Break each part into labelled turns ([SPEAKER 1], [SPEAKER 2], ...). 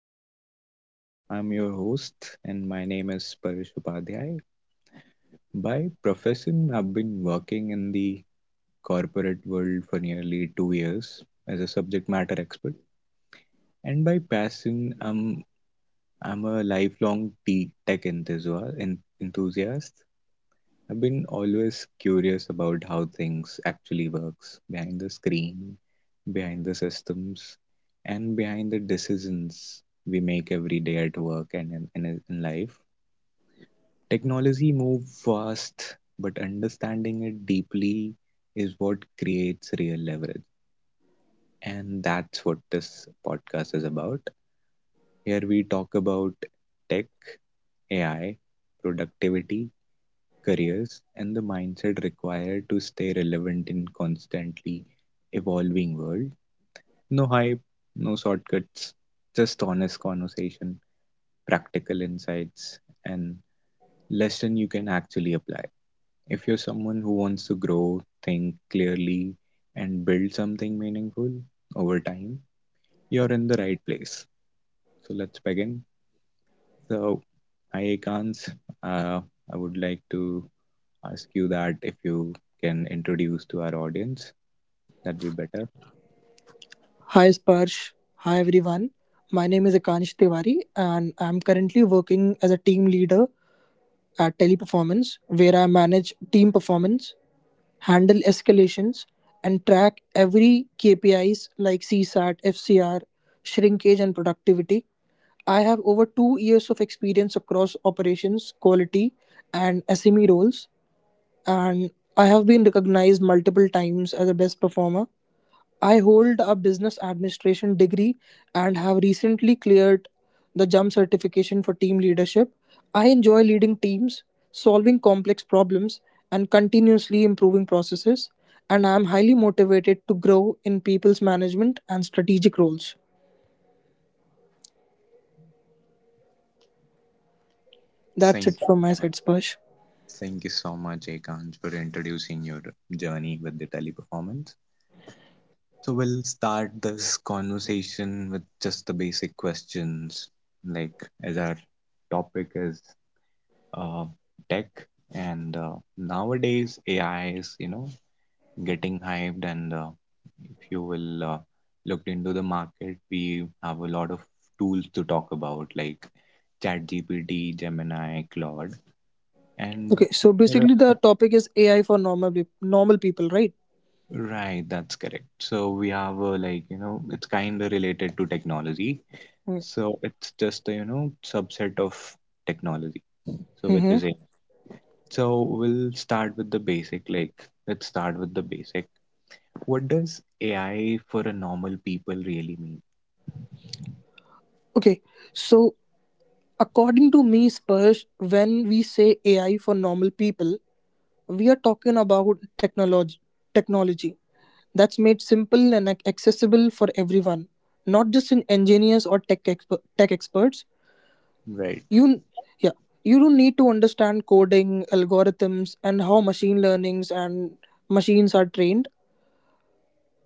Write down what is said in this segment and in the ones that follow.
[SPEAKER 1] podcast. I'm your host, and my name is Paresh Upadhyay. By profession, I've been working in the corporate world for nearly 2 years as a subject matter expert. And by passion, I'm a lifelong tech enthusiast. I've been always curious about how things actually works behind the screen, behind the systems, and behind the decisions we make every day at work and in life. Technology moves fast, but understanding it deeply is what creates real leverage. And that's what this podcast is about. Here we talk about tech, AI, productivity, careers, and the mindset required to stay relevant in constantly evolving world. No hype, no shortcuts, just honest conversation, practical insights, and lesson you can actually apply. If you're someone who wants to grow, think clearly, and build something meaningful over time, you're in the right place. So let's begin. So, hi, Akans. Uh, I would like to ask you that if you can introduce to our audience, that'd be better.
[SPEAKER 2] Hi Sparsh. Hi everyone. My name is Akansh Tiwari and I'm currently working as a team leader at Teleperformance, where I manage team performance, handle escalations and track every KPIs like CSAT, FCR, shrinkage and productivity. I have over 2 years of experience across operations, quality and SME roles and I have been recognized multiple times as a best performer. I hold a business administration degree and have recently cleared the JUMP certification for team leadership. I enjoy leading teams, solving complex problems, and continuously improving processes, and I am highly motivated to grow in people's management and strategic roles. That's
[SPEAKER 1] Thank
[SPEAKER 2] it from
[SPEAKER 1] you,
[SPEAKER 2] my
[SPEAKER 1] mu-
[SPEAKER 2] side, Sparsh.
[SPEAKER 1] thank you so much, Ekansh, for introducing your journey with the teleperformance. So we'll start this conversation with just the basic questions, like as our topic is uh, tech, and nowadays AI is you know getting hyped and if you will look into the market we have a lot of tools to talk about like ChatGPT, Gemini, Claude and
[SPEAKER 2] Okay, so
[SPEAKER 1] There
[SPEAKER 2] basically
[SPEAKER 1] are-
[SPEAKER 2] the topic is AI for normal people, right?
[SPEAKER 1] Right, that's correct. So we have a like, you know, it's kind of related to technology. So it's just a, you know, subset of technology. So which
[SPEAKER 2] Mm-hmm.
[SPEAKER 1] is it? So we'll start with the basic. Like, let's start with the basic. What does AI for a normal people really mean?
[SPEAKER 2] Okay, so, according to me, Spurs, when we say AI for normal people, we are talking about technology that's made simple and accessible for everyone, not just in engineers or tech experts.
[SPEAKER 1] Right.
[SPEAKER 2] You yeah, you don't need to understand coding, algorithms, and how machine learnings and machines are trained.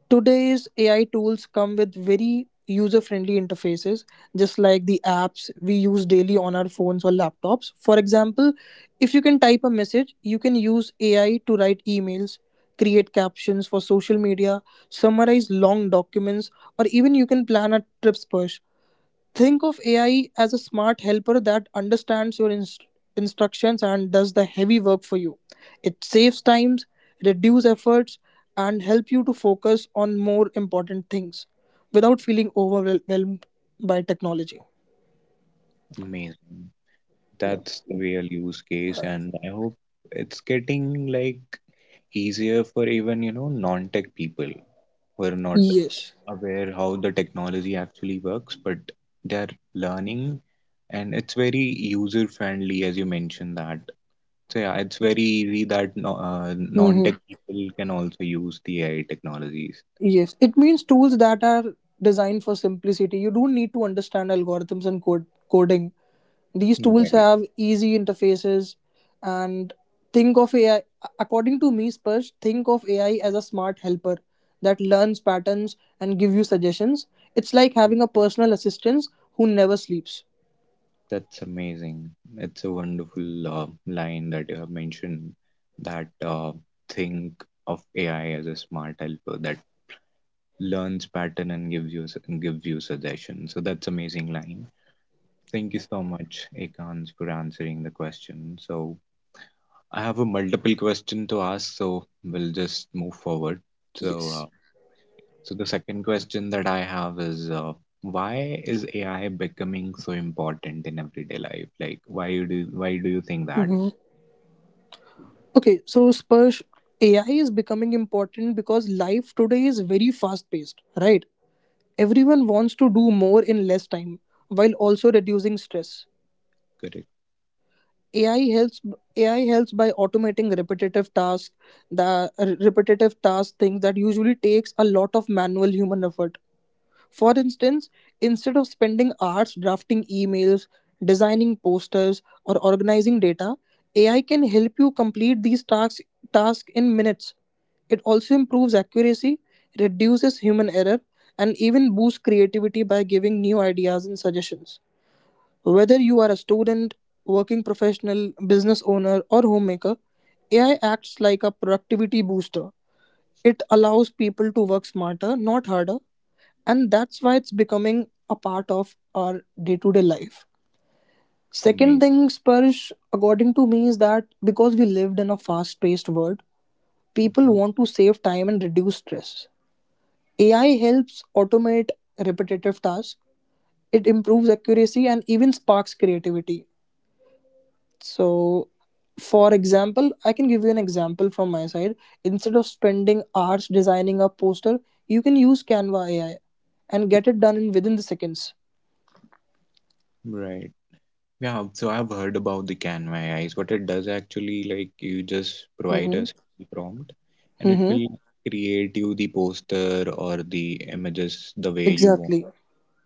[SPEAKER 2] Today's AI tools come with very user friendly interfaces, just like the apps we use daily on our phones or laptops. For example, if you can type a message, you can use AI to write emails, create captions for social media, summarize long documents, or even you can plan a trips push. Think of AI as a smart helper that understands your instructions and does the heavy work for you. It saves times, reduce efforts, and help you to focus on more important things without feeling overwhelmed by technology.
[SPEAKER 1] Amazing.
[SPEAKER 2] Yeah.
[SPEAKER 1] That's the real use case, and I hope it's getting like easier for even, you know, non-tech people who are not
[SPEAKER 2] Yes.
[SPEAKER 1] aware how the technology actually works, but they're learning and it's very user-friendly as you mentioned that. So yeah, it's very easy that no, non-tech
[SPEAKER 2] Mm-hmm.
[SPEAKER 1] people can also use the AI technologies.
[SPEAKER 2] Yes. It means tools that are designed for simplicity. You don't need to understand algorithms and code coding. These tools
[SPEAKER 1] Right.
[SPEAKER 2] have easy interfaces and think of AI according to me, Spurge, think of AI as a smart helper that learns patterns and give you suggestions. It's like having a personal assistant who never sleeps.
[SPEAKER 1] That's amazing. It's a wonderful line that you have mentioned that think of AI as a smart helper that learns pattern and gives you suggestions. So that's amazing line. Thank you so much, Ekans, for answering the question. So I have a multiple question to ask, so we'll just move forward. So
[SPEAKER 2] Yes.
[SPEAKER 1] so the second question that I have is why is AI becoming so important in everyday life? Like why do you think that?
[SPEAKER 2] hmm Okay, so Spursh, AI is becoming important because life today is very fast paced, right? Everyone wants to do more in less time while also reducing stress.
[SPEAKER 1] Correct.
[SPEAKER 2] AI helps AI helps by automating repetitive tasks, the repetitive task things that usually takes a lot of manual human effort. For instance, instead of spending hours drafting emails, designing posters, or organizing data, AI can help you complete these tasks in minutes. It also improves accuracy, reduces human error, and even boosts creativity by giving new ideas and suggestions. Whether you are a student, working professional, business owner, or homemaker, AI acts like a productivity booster. It allows people to work smarter, not harder, and that's why it's becoming a part of our day to day life. Second
[SPEAKER 1] May
[SPEAKER 2] thing, Spursh, according to me, is that because we lived in a fast paced world, people
[SPEAKER 1] Mhm.
[SPEAKER 2] want to save time and reduce stress. AI helps automate repetitive tasks, it improves accuracy and even sparks creativity. So, for example, I can give you an example from my side. Instead of spending hours designing a poster, you can use Canva AI and get it done in within the seconds.
[SPEAKER 1] Right. Yeah, so I've heard about the Canva AI. What it does actually, like you just provide
[SPEAKER 2] Mm-hmm.
[SPEAKER 1] us the prompt and it
[SPEAKER 2] Mm-hmm.
[SPEAKER 1] will create you the poster or the images the way you want.
[SPEAKER 2] Exactly.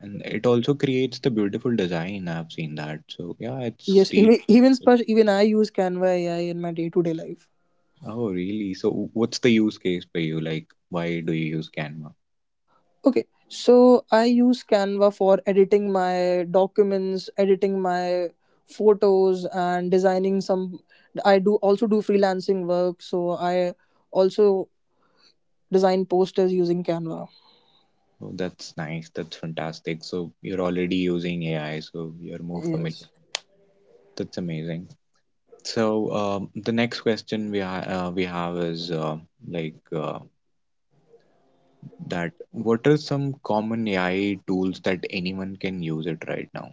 [SPEAKER 1] And it also creates the beautiful design. I've seen that. So yeah,
[SPEAKER 2] Yes.
[SPEAKER 1] it's real.
[SPEAKER 2] Even, Sparsh, even I use Canva AI in my day to day life.
[SPEAKER 1] Oh, really? So, what's the use case for you? Like, why do you use Canva?
[SPEAKER 2] Okay. So I use Canva for editing my documents, editing my photos, and designing some. I do also do freelancing work. So I also design posters using Canva.
[SPEAKER 1] Oh, that's nice. That's fantastic. So, you're already using AI, so you're more familiar.
[SPEAKER 2] Yes.
[SPEAKER 1] That's amazing. So, the next question we have is like that. What are some common AI tools that anyone can use it right now?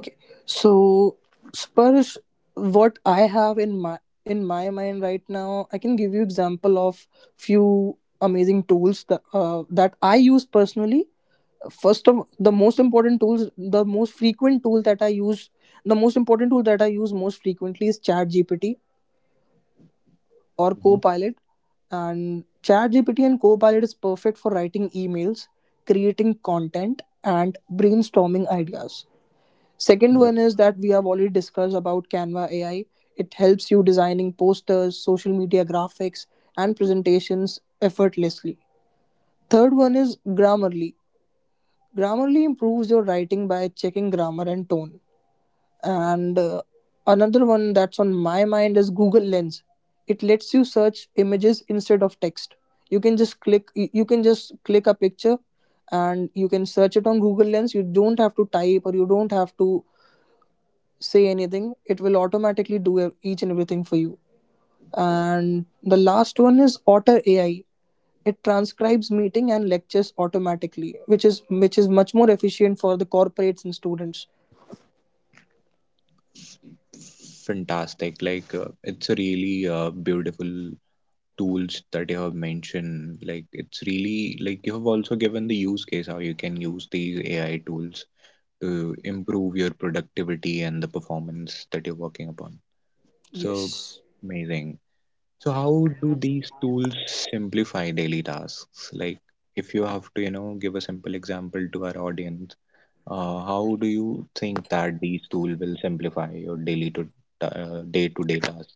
[SPEAKER 2] Okay. So Sparsh, what I have in my mind right now, I can give you example of few amazing tools that I use personally. First of the most important tools, the most frequent tool that I use, the most important tool that I use most frequently is ChatGPT or
[SPEAKER 1] Mhm.
[SPEAKER 2] Copilot. And ChatGPT and Copilot is perfect for writing emails, creating content, and brainstorming ideas. Second
[SPEAKER 1] Yeah.
[SPEAKER 2] one is that we have already discussed about Canva AI. It helps you designing posters, social media graphics, and presentations effortlessly. Third one is Grammarly. Grammarly improves your writing by checking grammar and tone. And Another one that's on my mind is Google Lens. It lets you search images instead of text. You can just click a picture and you can search it on Google Lens. You don't have to type or you don't have to say anything, it will automatically do each and everything for you. And the last one is Otter AI. It transcribes meeting and lectures automatically, which is much more efficient for the corporates and students.
[SPEAKER 1] Fantastic. Like, it's a really beautiful tools that you have mentioned, like it's really like you have also given the use case how you can use these AI tools to improve your productivity and the performance that you're working upon. So
[SPEAKER 2] Yes.
[SPEAKER 1] amazing. So how do these tools simplify daily tasks? Like if you have to, you know, give a simple example to our audience, how do you think that these tools will simplify your daily to day-to-day tasks?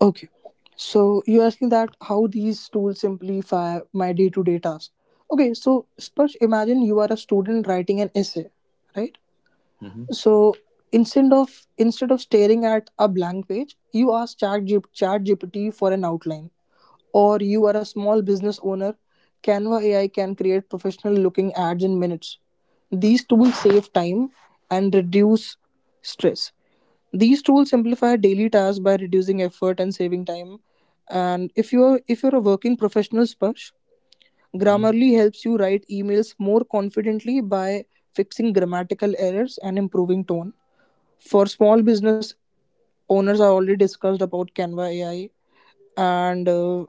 [SPEAKER 2] Okay. So you're asking that how these tools simplify my day-to-day task. Okay, so Sparsh, imagine you are a student writing an essay, right?
[SPEAKER 1] Mm-hmm.
[SPEAKER 2] So instead of staring at a blank page, you ask Chat GPT for an outline. Or you are a small business owner, Canva AI can create professional looking ads in minutes. These tools save time and reduce stress. These tools simplify daily tasks by reducing effort and saving time. And if you're a working professional, Sparsh, Grammarly helps you write emails more confidently by fixing grammatical errors and improving tone. For small business owners, I already discussed about Canva AI and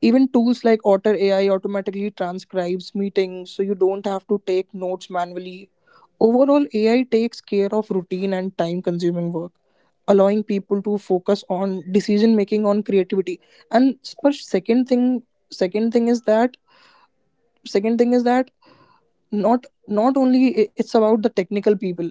[SPEAKER 2] even tools like Otter AI automatically transcribes meetings, so you don't have to take notes manually. Overall, AI takes care of routine and time consuming work, allowing people to focus on decision making on creativity. And per second thing is that second thing is that not only it's about the technical people.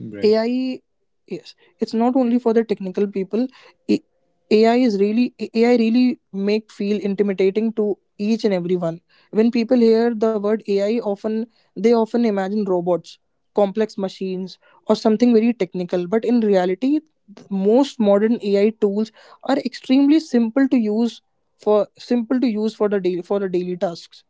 [SPEAKER 1] Mm-hmm. Right.
[SPEAKER 2] AI, yes, it's not only for the technical people. A- AI really make feel intimidating to each and everyone. When people hear the word AI, often they often imagine robots, complex machines, or something very technical. But in reality, most modern AI tools are extremely simple to use for the daily tasks.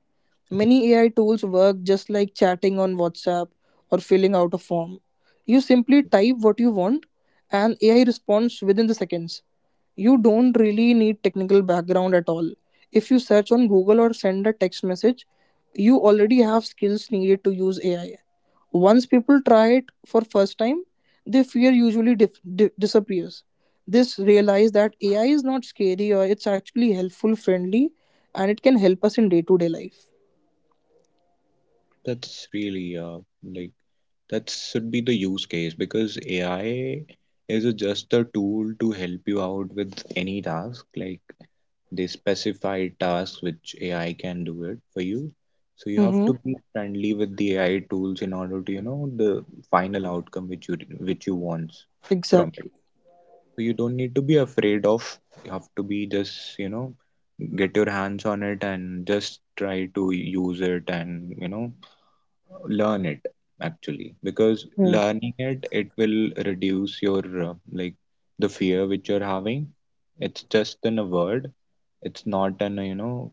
[SPEAKER 2] Many AI tools work just like chatting on WhatsApp or filling out a form. You simply type what you want and AI responds within the seconds. You don't really need technical background at all. If you search on Google or send a text message, you already have skills needed to use AI. Once people try it for first time, their fear usually disappears. This realize that AI is not scary or it's actually helpful, friendly, and it can help us in day to day life.
[SPEAKER 1] That's really like that should be the use case because AI is just a tool to help you out with any task. Like They specify tasks which AI can do it for you. So you have
[SPEAKER 2] Mm-hmm.
[SPEAKER 1] to be friendly with the AI tools in order to, you know, the final outcome which you want from it.
[SPEAKER 2] Exactly.
[SPEAKER 1] So you don't need to be afraid of. You have to be just, you know, get your hands on it and just try to use it and, you know, learn it actually because learning it will reduce your like the fear which you're having. It's just in a word, it's not an you know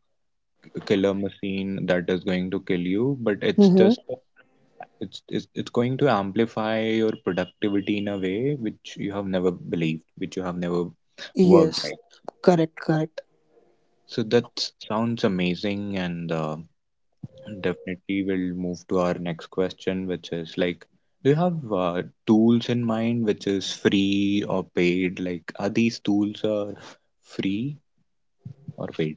[SPEAKER 1] killer machine that is going to kill you, but it's
[SPEAKER 2] Mm-hmm.
[SPEAKER 1] just it's going to amplify your productivity in a way which you have never believed, which you have never worked
[SPEAKER 2] Yes.
[SPEAKER 1] like.
[SPEAKER 2] Correct. Correct.
[SPEAKER 1] So that sounds amazing and definitely, we'll move to our next question, which is like, do you have tools in mind which is free or paid? Like, are these tools are free or paid?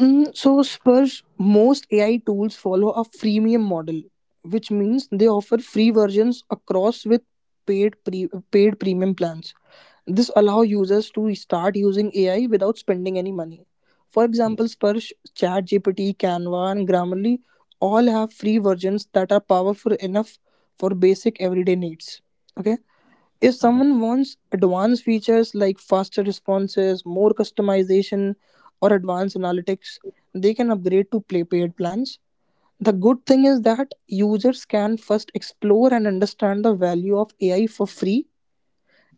[SPEAKER 2] So Spurs, most AI tools follow a freemium model, which means they offer free versions across with paid premium plans. This allow users to start using AI without spending any money. For example, Spurs, ChatGPT, Canva, and Grammarly all have free versions that are powerful enough for basic everyday needs. Okay, if
[SPEAKER 1] Mhm.
[SPEAKER 2] someone wants advanced features like faster responses, more customization, or advanced analytics, they can upgrade to play paid plans. The good thing is that users can first explore and understand the value of AI for free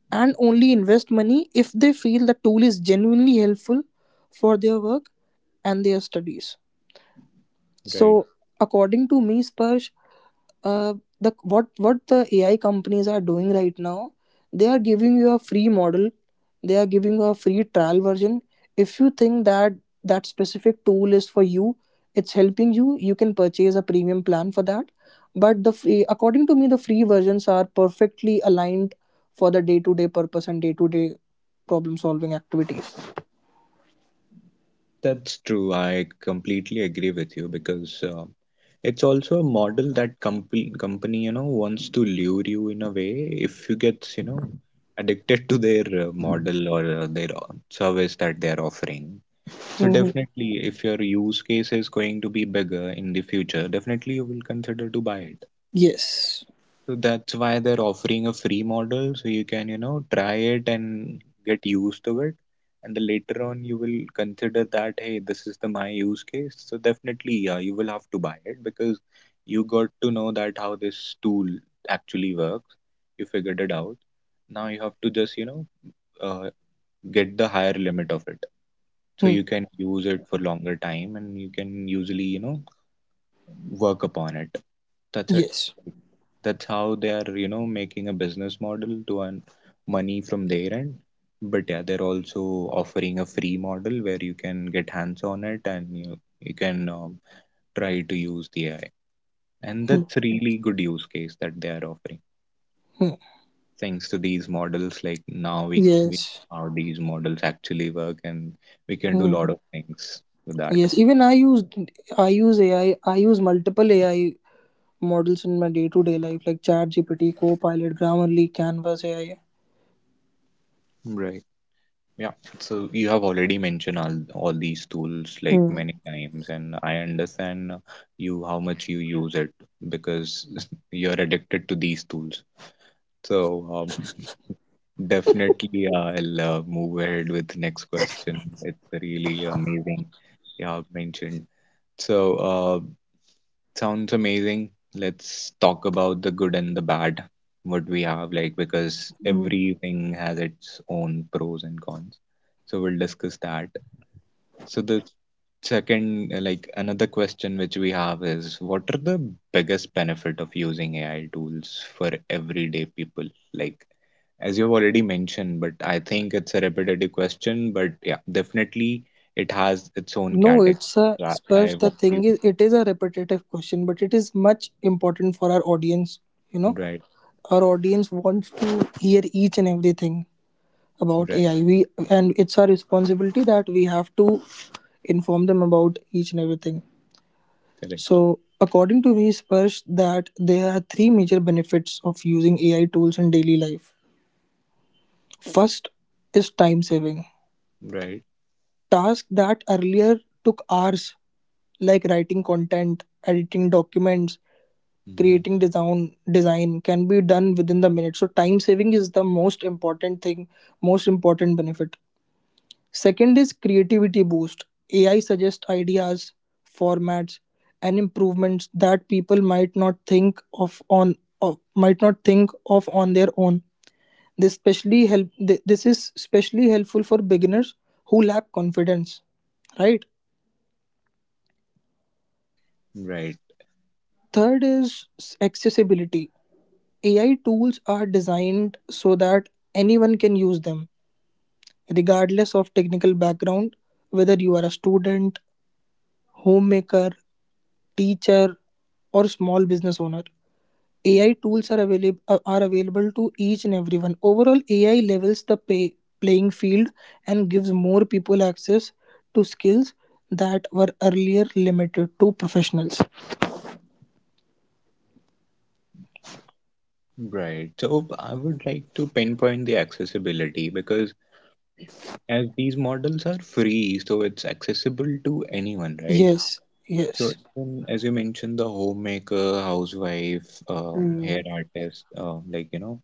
[SPEAKER 2] and only invest money if they feel the tool is genuinely helpful for their work and their studies.
[SPEAKER 1] Right.
[SPEAKER 2] So, according to me, Sparsh, uh, the what the AI companies are doing right now, they are giving you a free model. They are giving you a free trial version. If you think that specific tool is for you, it's helping you. You can purchase a premium plan for that. But the free, according to me, the free versions are perfectly aligned for the day to day purpose and day to day problem solving activities.
[SPEAKER 1] That's true. I completely agree with you because it's also a model that company, you know, wants to lure you in a way if you get, you know, addicted to their model or their service that they're offering. So
[SPEAKER 2] hmm
[SPEAKER 1] definitely, if your use case is going to be bigger in the future, definitely you will consider to buy it.
[SPEAKER 2] Yes.
[SPEAKER 1] So that's why they're offering a free model, so you can, you know, try it and get used to it. And then later on, you will consider that, hey, this is the my use case. So definitely, yeah, you will have to buy it because you got to know that how this tool actually works. You figured it out. Now you have to just, you know, uh, get the higher limit of it so
[SPEAKER 2] Hmm.
[SPEAKER 1] you can use it for longer time and you can usually you know work upon it. That's it.
[SPEAKER 2] Yes.
[SPEAKER 1] That's how they are you know making a business model to earn money from their end, but yeah they're also offering a free model where you can get hands on it and you can try to use the AI, and
[SPEAKER 2] Hmm.
[SPEAKER 1] that's really good use case that they are offering
[SPEAKER 2] Hmm.
[SPEAKER 1] thanks to these models. Like now we
[SPEAKER 2] Yes.
[SPEAKER 1] know how these models actually work and we can do a
[SPEAKER 2] Mm,
[SPEAKER 1] lot of things with that.
[SPEAKER 2] yes, even I use AI. I use multiple AI models in my day-to-day life, like ChatGPT, Copilot, Grammarly, Canvas AI.
[SPEAKER 1] Right. Yeah, so you have already mentioned all these tools like
[SPEAKER 2] Mm,
[SPEAKER 1] many times, and I understand you how much you use it because you're addicted to these tools. So um, definitely, I'll move ahead with next question. It's really amazing you have mentioned. So sounds amazing. Let's talk about the good and the bad. What we have like because
[SPEAKER 2] mm.
[SPEAKER 1] everything has its own pros and cons. So we'll discuss that. So the second, like another question which we have is, what are the biggest benefit of using AI tools for everyday people? Like, as you've already mentioned, but I think it's a repetitive question, but yeah, definitely it has its own
[SPEAKER 2] No,
[SPEAKER 1] category.
[SPEAKER 2] it's a
[SPEAKER 1] I
[SPEAKER 2] Spash. The
[SPEAKER 1] want you.
[SPEAKER 2] thing is, it is a repetitive question, but it is much important for our audience. You know,
[SPEAKER 1] Right,
[SPEAKER 2] our audience wants to hear each and everything about
[SPEAKER 1] right,
[SPEAKER 2] AI. We and it's our responsibility that we have to inform them about each and everything.
[SPEAKER 1] correct,
[SPEAKER 2] So, according to me, Sparsh, that there are three major benefits of using AI tools in daily life. First is time saving.
[SPEAKER 1] right,
[SPEAKER 2] Tasks that earlier took hours, like writing content, editing documents,
[SPEAKER 1] hmm
[SPEAKER 2] creating design can be done within the minute. So, time saving is the most important thing, most important benefit. Second is creativity boost. AI suggests ideas, formats, and improvements that people might not think of on of, might not think of on their own. This is especially helpful for beginners who lack confidence, right?
[SPEAKER 1] right,
[SPEAKER 2] Third is accessibility. AI tools are designed so that anyone can use them, regardless of technical background, whether you are a student, homemaker, teacher or small business owner. AI tools are available are available to each and everyone. Overall, AI levels the playing field and gives more people access to skills that were earlier limited to professionals.
[SPEAKER 1] right. So I would like to pinpoint the accessibility because as these models are free, so it's accessible to anyone, right?
[SPEAKER 2] Yes,
[SPEAKER 1] So
[SPEAKER 2] yes.
[SPEAKER 1] even as you mentioned, the homemaker, housewife, hair
[SPEAKER 2] Hmm.
[SPEAKER 1] artist, like you know,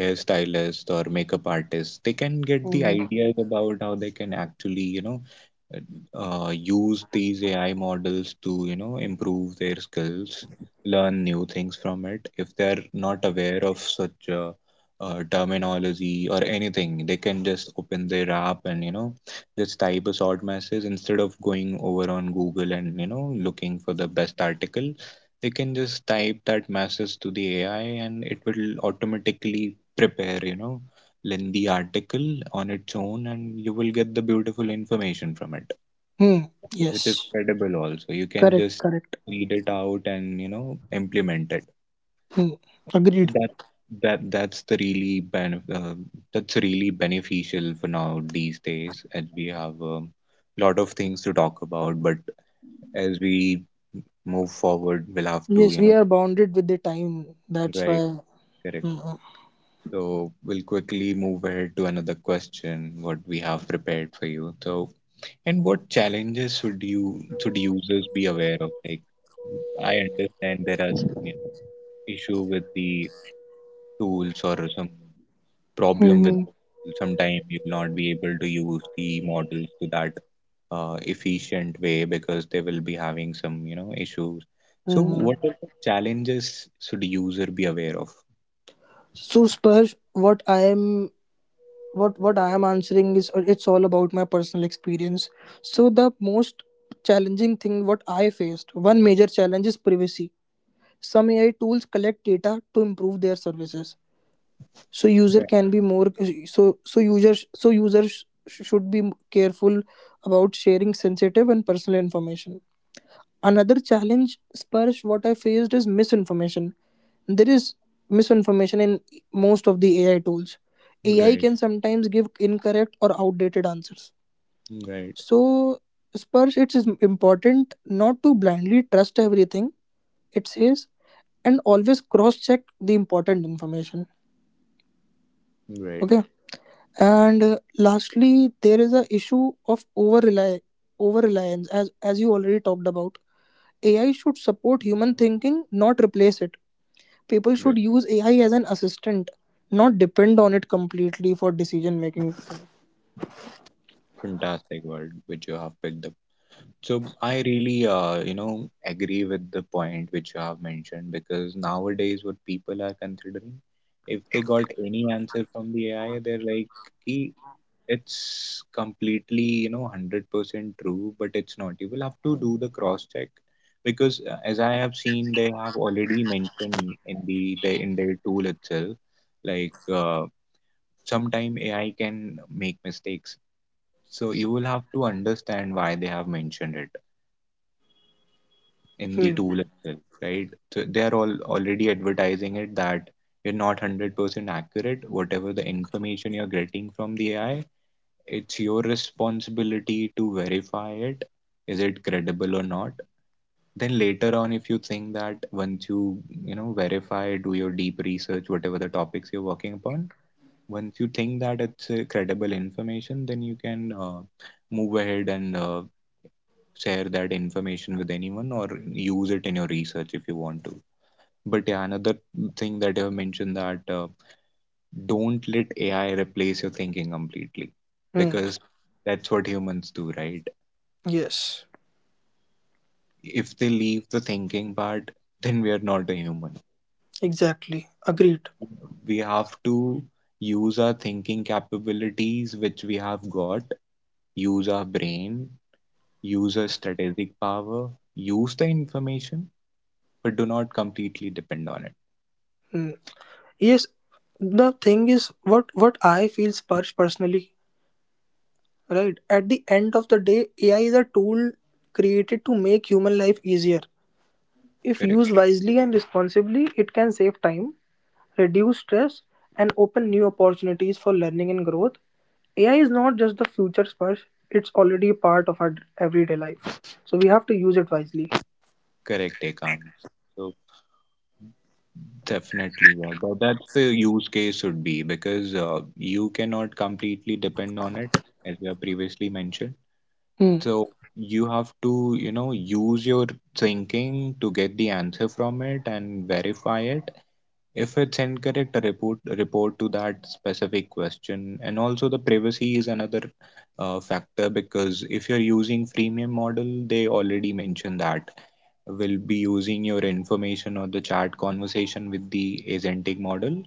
[SPEAKER 1] hairstylists or makeup artists they can get the
[SPEAKER 2] Hmm.
[SPEAKER 1] ideas about how they can actually you know use these AI models to you know improve their skills, learn new things from it. If they're not aware of such terminology or anything, they can just open their app and you know just type a short message instead of going over on Google and you know looking for the best article. They can just type that message to the AI and it will automatically prepare, you know, lengthy article on its own and you will get the beautiful information from it,
[SPEAKER 2] Hmm.
[SPEAKER 1] which is
[SPEAKER 2] Yes.
[SPEAKER 1] credible also. You can
[SPEAKER 2] Correct.
[SPEAKER 1] just
[SPEAKER 2] Correct.
[SPEAKER 1] read it out and, you know, implement it.
[SPEAKER 2] Hmm.
[SPEAKER 1] So
[SPEAKER 2] Agreed.
[SPEAKER 1] that's the really benef that's really beneficial for now these days as we have a lot of things to talk about, but as we move forward, we'll have to,
[SPEAKER 2] Yes,
[SPEAKER 1] you
[SPEAKER 2] we
[SPEAKER 1] know,
[SPEAKER 2] are bounded with the time. That's
[SPEAKER 1] right,
[SPEAKER 2] why.
[SPEAKER 1] correct.
[SPEAKER 2] Mm-hmm.
[SPEAKER 1] So we'll quickly move ahead to another question, what we have prepared for you. So, and what challenges should users be aware of? Like, I understand there are some you know, issue with the tools or some problem with
[SPEAKER 2] Mm-hmm.
[SPEAKER 1] sometimes you'll not be able to use the models to that efficient way because they will be having some you know issues. So,
[SPEAKER 2] Mm-hmm.
[SPEAKER 1] what are the challenges should user be aware of?
[SPEAKER 2] So, Sparsh, what I am answering is it's all about my personal experience. So the most challenging thing what I faced, one major challenge is privacy. Some AI tools collect data to improve their services. So user
[SPEAKER 1] Right,
[SPEAKER 2] can be more so users should be careful about sharing sensitive and personal information. Another challenge, Sparsh, what I faced is misinformation. There is misinformation in most of the AI tools. AI
[SPEAKER 1] right,
[SPEAKER 2] can sometimes give incorrect or outdated answers.
[SPEAKER 1] right,
[SPEAKER 2] So, Sparsh, it is important not to blindly trust everything it says and always cross check the important information.
[SPEAKER 1] right.
[SPEAKER 2] Okay. And lastly, there is a issue of over reliance, as you already talked about. AI should support human thinking, not replace it. People
[SPEAKER 1] Right.
[SPEAKER 2] should use AI as an assistant, not depend on it completely for decision making.
[SPEAKER 1] Fantastic word which you have picked up. So I really, you know, agree with the point which you have mentioned because nowadays what people are considering, if they got any answer from the AI, they're like, "Ki, it's completely, you know, 100% true, but it's not. You will have to do the cross check because as I have seen, they have already mentioned in the in their tool itself, like uh, sometime AI can make mistakes, so you will have to understand why they have mentioned it in the
[SPEAKER 2] Hmm.
[SPEAKER 1] tool itself, right? So they are all already advertising it that you're not 100% accurate. Whatever the information you're getting from the AI, it's your responsibility to verify it. Is it credible or not? Then later on, if you think that once you verify, do your deep research, whatever the topics you're working upon, once you think that it's credible information, then you can move ahead and share that information with anyone or use it in your research if you want to. But yeah, another thing that you have mentioned, that don't let AI replace your thinking completely,
[SPEAKER 2] Hmm.
[SPEAKER 1] because that's what humans do, right?
[SPEAKER 2] Yes,
[SPEAKER 1] If they leave the thinking part, then we are not a human.
[SPEAKER 2] exactly. Agreed.
[SPEAKER 1] We have to use our thinking capabilities which we have got, use our brain, use our strategic power, use the information, but do not completely depend on it.
[SPEAKER 2] Hmm. Yes, the thing is what I feel personally, right? At the end of the day, AI is a tool created to make human life easier. If
[SPEAKER 1] Correct.
[SPEAKER 2] used wisely and responsibly, it can save time, reduce stress, and open new opportunities for learning and growth. AI is not just the future sparse, it's already a part of our everyday life. So we have to use it wisely.
[SPEAKER 1] Correct, Ekant. So definitely, yeah, that's the use case should be, because you cannot completely depend on it, as we have previously mentioned.
[SPEAKER 2] Hmm.
[SPEAKER 1] So you have to, you know, use your thinking to get the answer from it and verify it. If it's incorrect, a report to that specific question. And also the privacy is another factor, because if you're using freemium model, they already mentioned that will be using your information or the chat conversation with the agentic model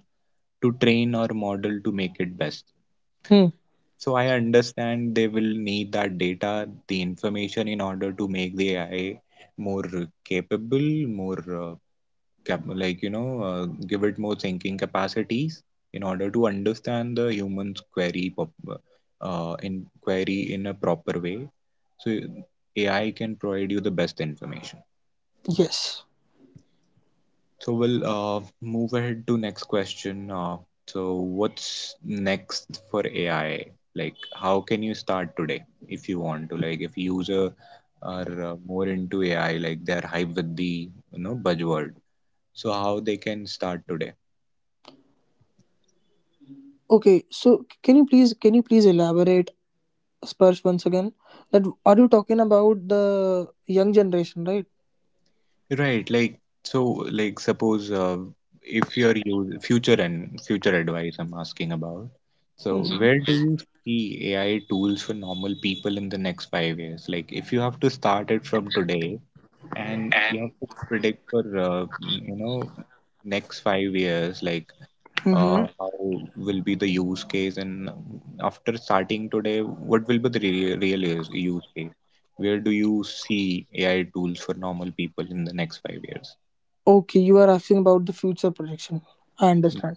[SPEAKER 1] to train our model to make it best.
[SPEAKER 2] Hmm.
[SPEAKER 1] So I understand they will need that data, the information in order to make the AI more capable, more cap- like you know uh, give it more thinking capacities in order to understand the human's query in a proper way, so AI can provide you the best information.
[SPEAKER 2] Yes.
[SPEAKER 1] So we'll move ahead to next question. So what's next for AI, like how can you start today, if you want to, like if user are more into AI, like they're hype with the, you know, buzzword, so how they can start today?
[SPEAKER 2] Okay. So can you please elaborate Spurs once again? That are you talking about the young generation, right?
[SPEAKER 1] Right, like so, like suppose if you're use future and future advice I'm asking about. So
[SPEAKER 2] Mm-hmm.
[SPEAKER 1] where do you see AI tools for normal people in the next 5 years? Like if you have to start it from today, and you have to predict for, you know, next 5 years, like
[SPEAKER 2] Mm-hmm.
[SPEAKER 1] how will be the use case and after starting today what will be the real use case, where do you see AI tools for normal people in the next 5 years?
[SPEAKER 2] Okay, you are asking about the future projection. I understand.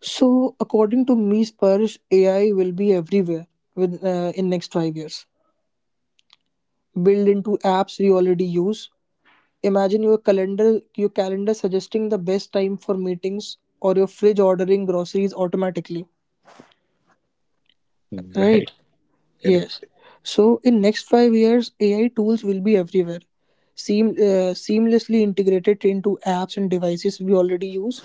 [SPEAKER 2] So, according to me, Sparsh, AI will be everywhere with in next 5 years. Built into apps we already use. Imagine your calendar suggesting the best time for meetings, or your fridge ordering groceries automatically. Right?
[SPEAKER 1] Right. Correct.
[SPEAKER 2] Yes. So, in next 5 years, AI tools will be everywhere, seamlessly integrated into apps and devices we already use.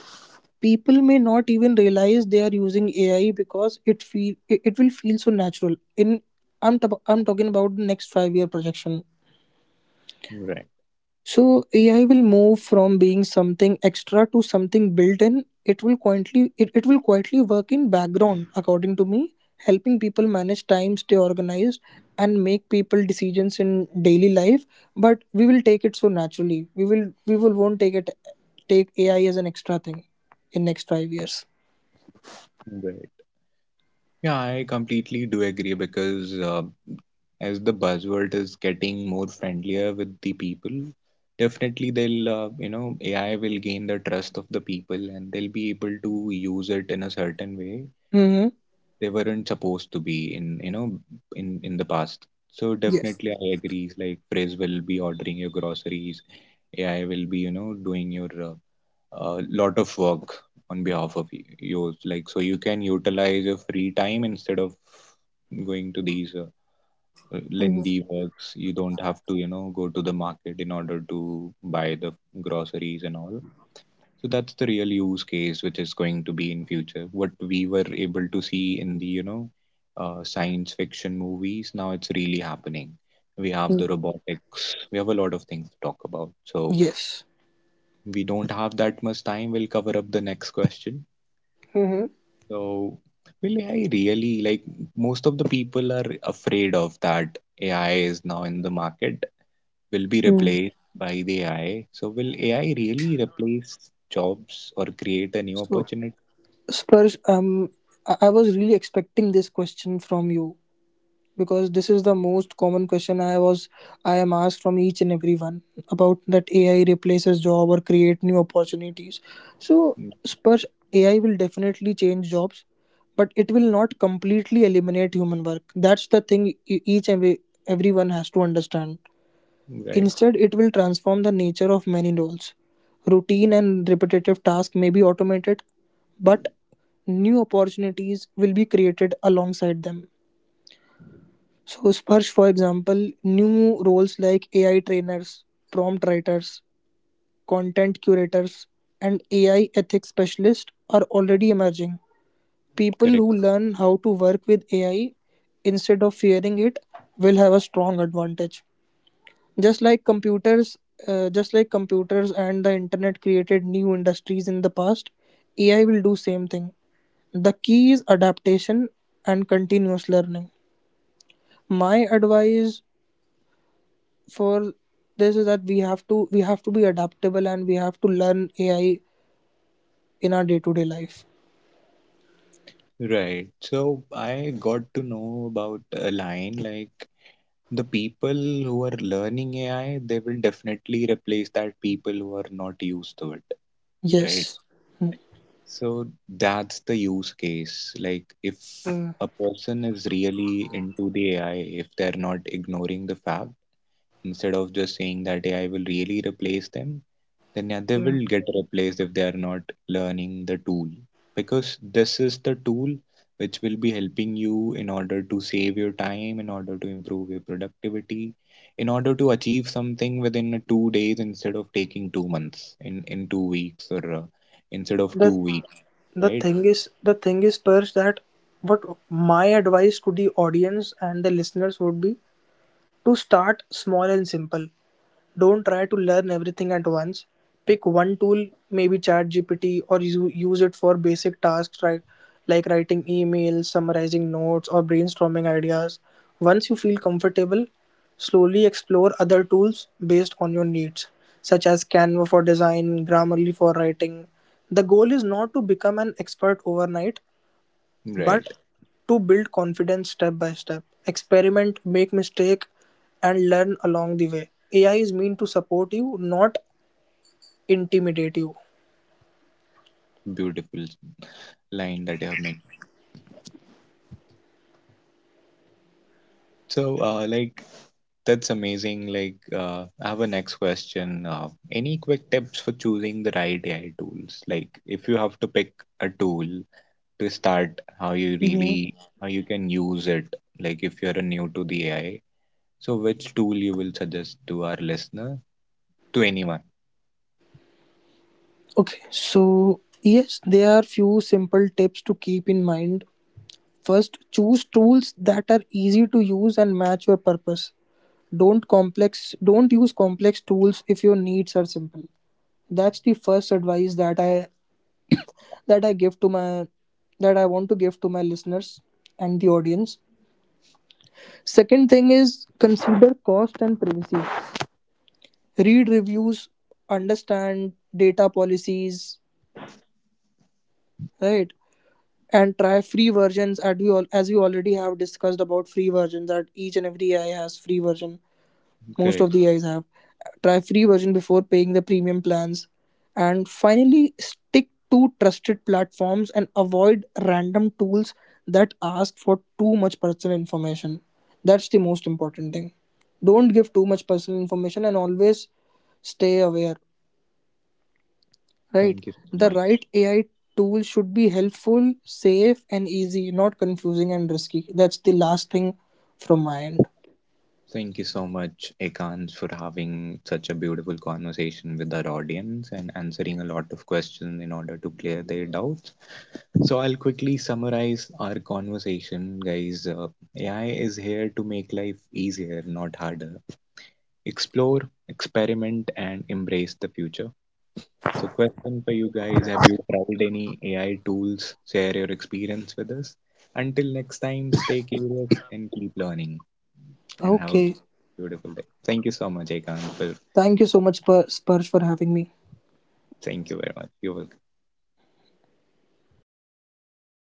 [SPEAKER 2] People may not even realize they are using AI because it will feel so natural. I'm talking about the next 5 year projection.
[SPEAKER 1] Right.
[SPEAKER 2] So AI will move from being something extra to something built in. It will quietly work in background, according to me, helping people manage time, stay organized, and make people decisions in daily life. But we will take it so naturally. We will won't take AI as an extra thing in next 5 years.
[SPEAKER 1] Right. Yeah, I completely do agree because as the buzzword is getting more friendlier with the people, definitely they'll, you know, AI will gain the trust of the people and they'll be able to use it in a certain way
[SPEAKER 2] Hmm.
[SPEAKER 1] they weren't supposed to be in, you know, in the past. So
[SPEAKER 2] Yes.
[SPEAKER 1] definitely I agree. Like Phrase will be ordering your groceries, AI will be, you know, doing your a lot of work on behalf of yours, like so you can utilize your free time instead of going to these
[SPEAKER 2] Mm,
[SPEAKER 1] lengthy works. You don't have to, you know, go to the market in order to buy the groceries and all. So that's the real use case which is going to be in future. What we were able to see in the, you know, science fiction movies now it's really happening. We have
[SPEAKER 2] mm,
[SPEAKER 1] the robotics, we have a lot of things to talk about, so
[SPEAKER 2] yes.
[SPEAKER 1] we don't have that much time. We'll cover up the next question.
[SPEAKER 2] Hmm.
[SPEAKER 1] So, well, I really like most of the people are afraid of that AI is now in the market, will be
[SPEAKER 2] Mm.
[SPEAKER 1] replaced by the AI. So, will AI really replace jobs or create a new
[SPEAKER 2] So,
[SPEAKER 1] opportunity?
[SPEAKER 2] Sparsh, I was really expecting this question from you because this is the most common question I am asked from each and everyone about that AI replaces job or create new opportunities. So,
[SPEAKER 1] Mm.
[SPEAKER 2] Sparsh, AI will definitely change jobs, but it will not completely eliminate human work. That's the thing each and every, everyone has to understand.
[SPEAKER 1] Right,
[SPEAKER 2] Instead, it will transform the nature of many roles. Routine and repetitive tasks may be automated, but new opportunities will be created alongside them. So, Sparsh, for example, new roles like AI trainers, prompt writers, content curators, and AI ethics specialists are already emerging. People
[SPEAKER 1] correct.
[SPEAKER 2] who learn how to work with AI instead of fearing it will have a strong advantage. Just like computers, just like computers and the internet created new industries in the past, AI will do same thing. The key is adaptation and continuous learning. My advice for this is that we have to be adaptable and we have to learn AI in our day-to-day life.
[SPEAKER 1] Right. So, I got to know about a line like the people who are learning AI, they will definitely replace that people who are not used to it, right?
[SPEAKER 2] Yes. Hmm.
[SPEAKER 1] So that's the use case. Like, if
[SPEAKER 2] Mm,
[SPEAKER 1] a person is really into the AI, if they're not ignoring the fact, instead of just saying that AI will really replace them, then yeah, they
[SPEAKER 2] mm.
[SPEAKER 1] will get replaced if they are not learning the tool. Because this is the tool which will be helping you in order to save your time, in order to improve your productivity, in order to achieve something within 2 days instead of taking 2 months, in 2 weeks, or instead of two
[SPEAKER 2] The
[SPEAKER 1] weeks
[SPEAKER 2] the
[SPEAKER 1] Right,
[SPEAKER 2] thing is the thing is Persh that what my advice to the audience and the listeners would be to start small and simple. Don't try to learn everything at once. Pick one tool, maybe ChatGPT, or you use it for basic tasks right, like writing emails, summarizing notes, or brainstorming ideas. Once you feel comfortable, slowly explore other tools based on your needs, such as Canva for design, Grammarly for writing. The goal is not to become an expert overnight, but
[SPEAKER 1] right.
[SPEAKER 2] to build confidence step by step, experiment, make mistake and learn along the way. AI is meant to support you, not intimidate you.
[SPEAKER 1] Beautiful line that you have made. So, like, that's amazing. Like, I have a next question. Any quick tips for choosing the right AI tools? Like, if you have to pick a tool to start, how you really, how you can use it. Like, if you're a new to the AI, so which tool you will suggest to our listener, to anyone?
[SPEAKER 2] Okay, so yes, there are few simple tips to keep in mind. First, choose tools that are easy to use and match your purpose. Don't use complex tools if your needs are simple. That's the first advice that I give to my that I want to give to my listeners and the audience. Second thing is consider cost and privacy. Read reviews, understand data policies, right? And try free versions as as we already have discussed about free versions that each and every AI has free version. Most
[SPEAKER 1] Correct.
[SPEAKER 2] of the guys have try free version before paying the premium plans. And finally, stick to trusted platforms and avoid random tools that ask for too much personal information. That's the most important thing. Don't give too much personal information and always stay aware, right?
[SPEAKER 1] Thank you so
[SPEAKER 2] The
[SPEAKER 1] much.
[SPEAKER 2] right AI tool should be helpful, safe and easy, not confusing and risky. That's the last thing from my end.
[SPEAKER 1] Thank you so much, Ekans, for having such a beautiful conversation with our audience and answering a lot of questions in order to clear their doubts. So, I'll quickly summarize our conversation, guys. AI is here to make life easier, not harder. Explore, experiment, and embrace the future. So, question for you guys, have you tried any AI tools? Share your experience with us. Until next time, stay curious and keep learning. And have a
[SPEAKER 2] Okay,
[SPEAKER 1] beautiful day. Thank you so much, Ekant, for
[SPEAKER 2] thank you so much spurge for having me.
[SPEAKER 1] thank you very much. You were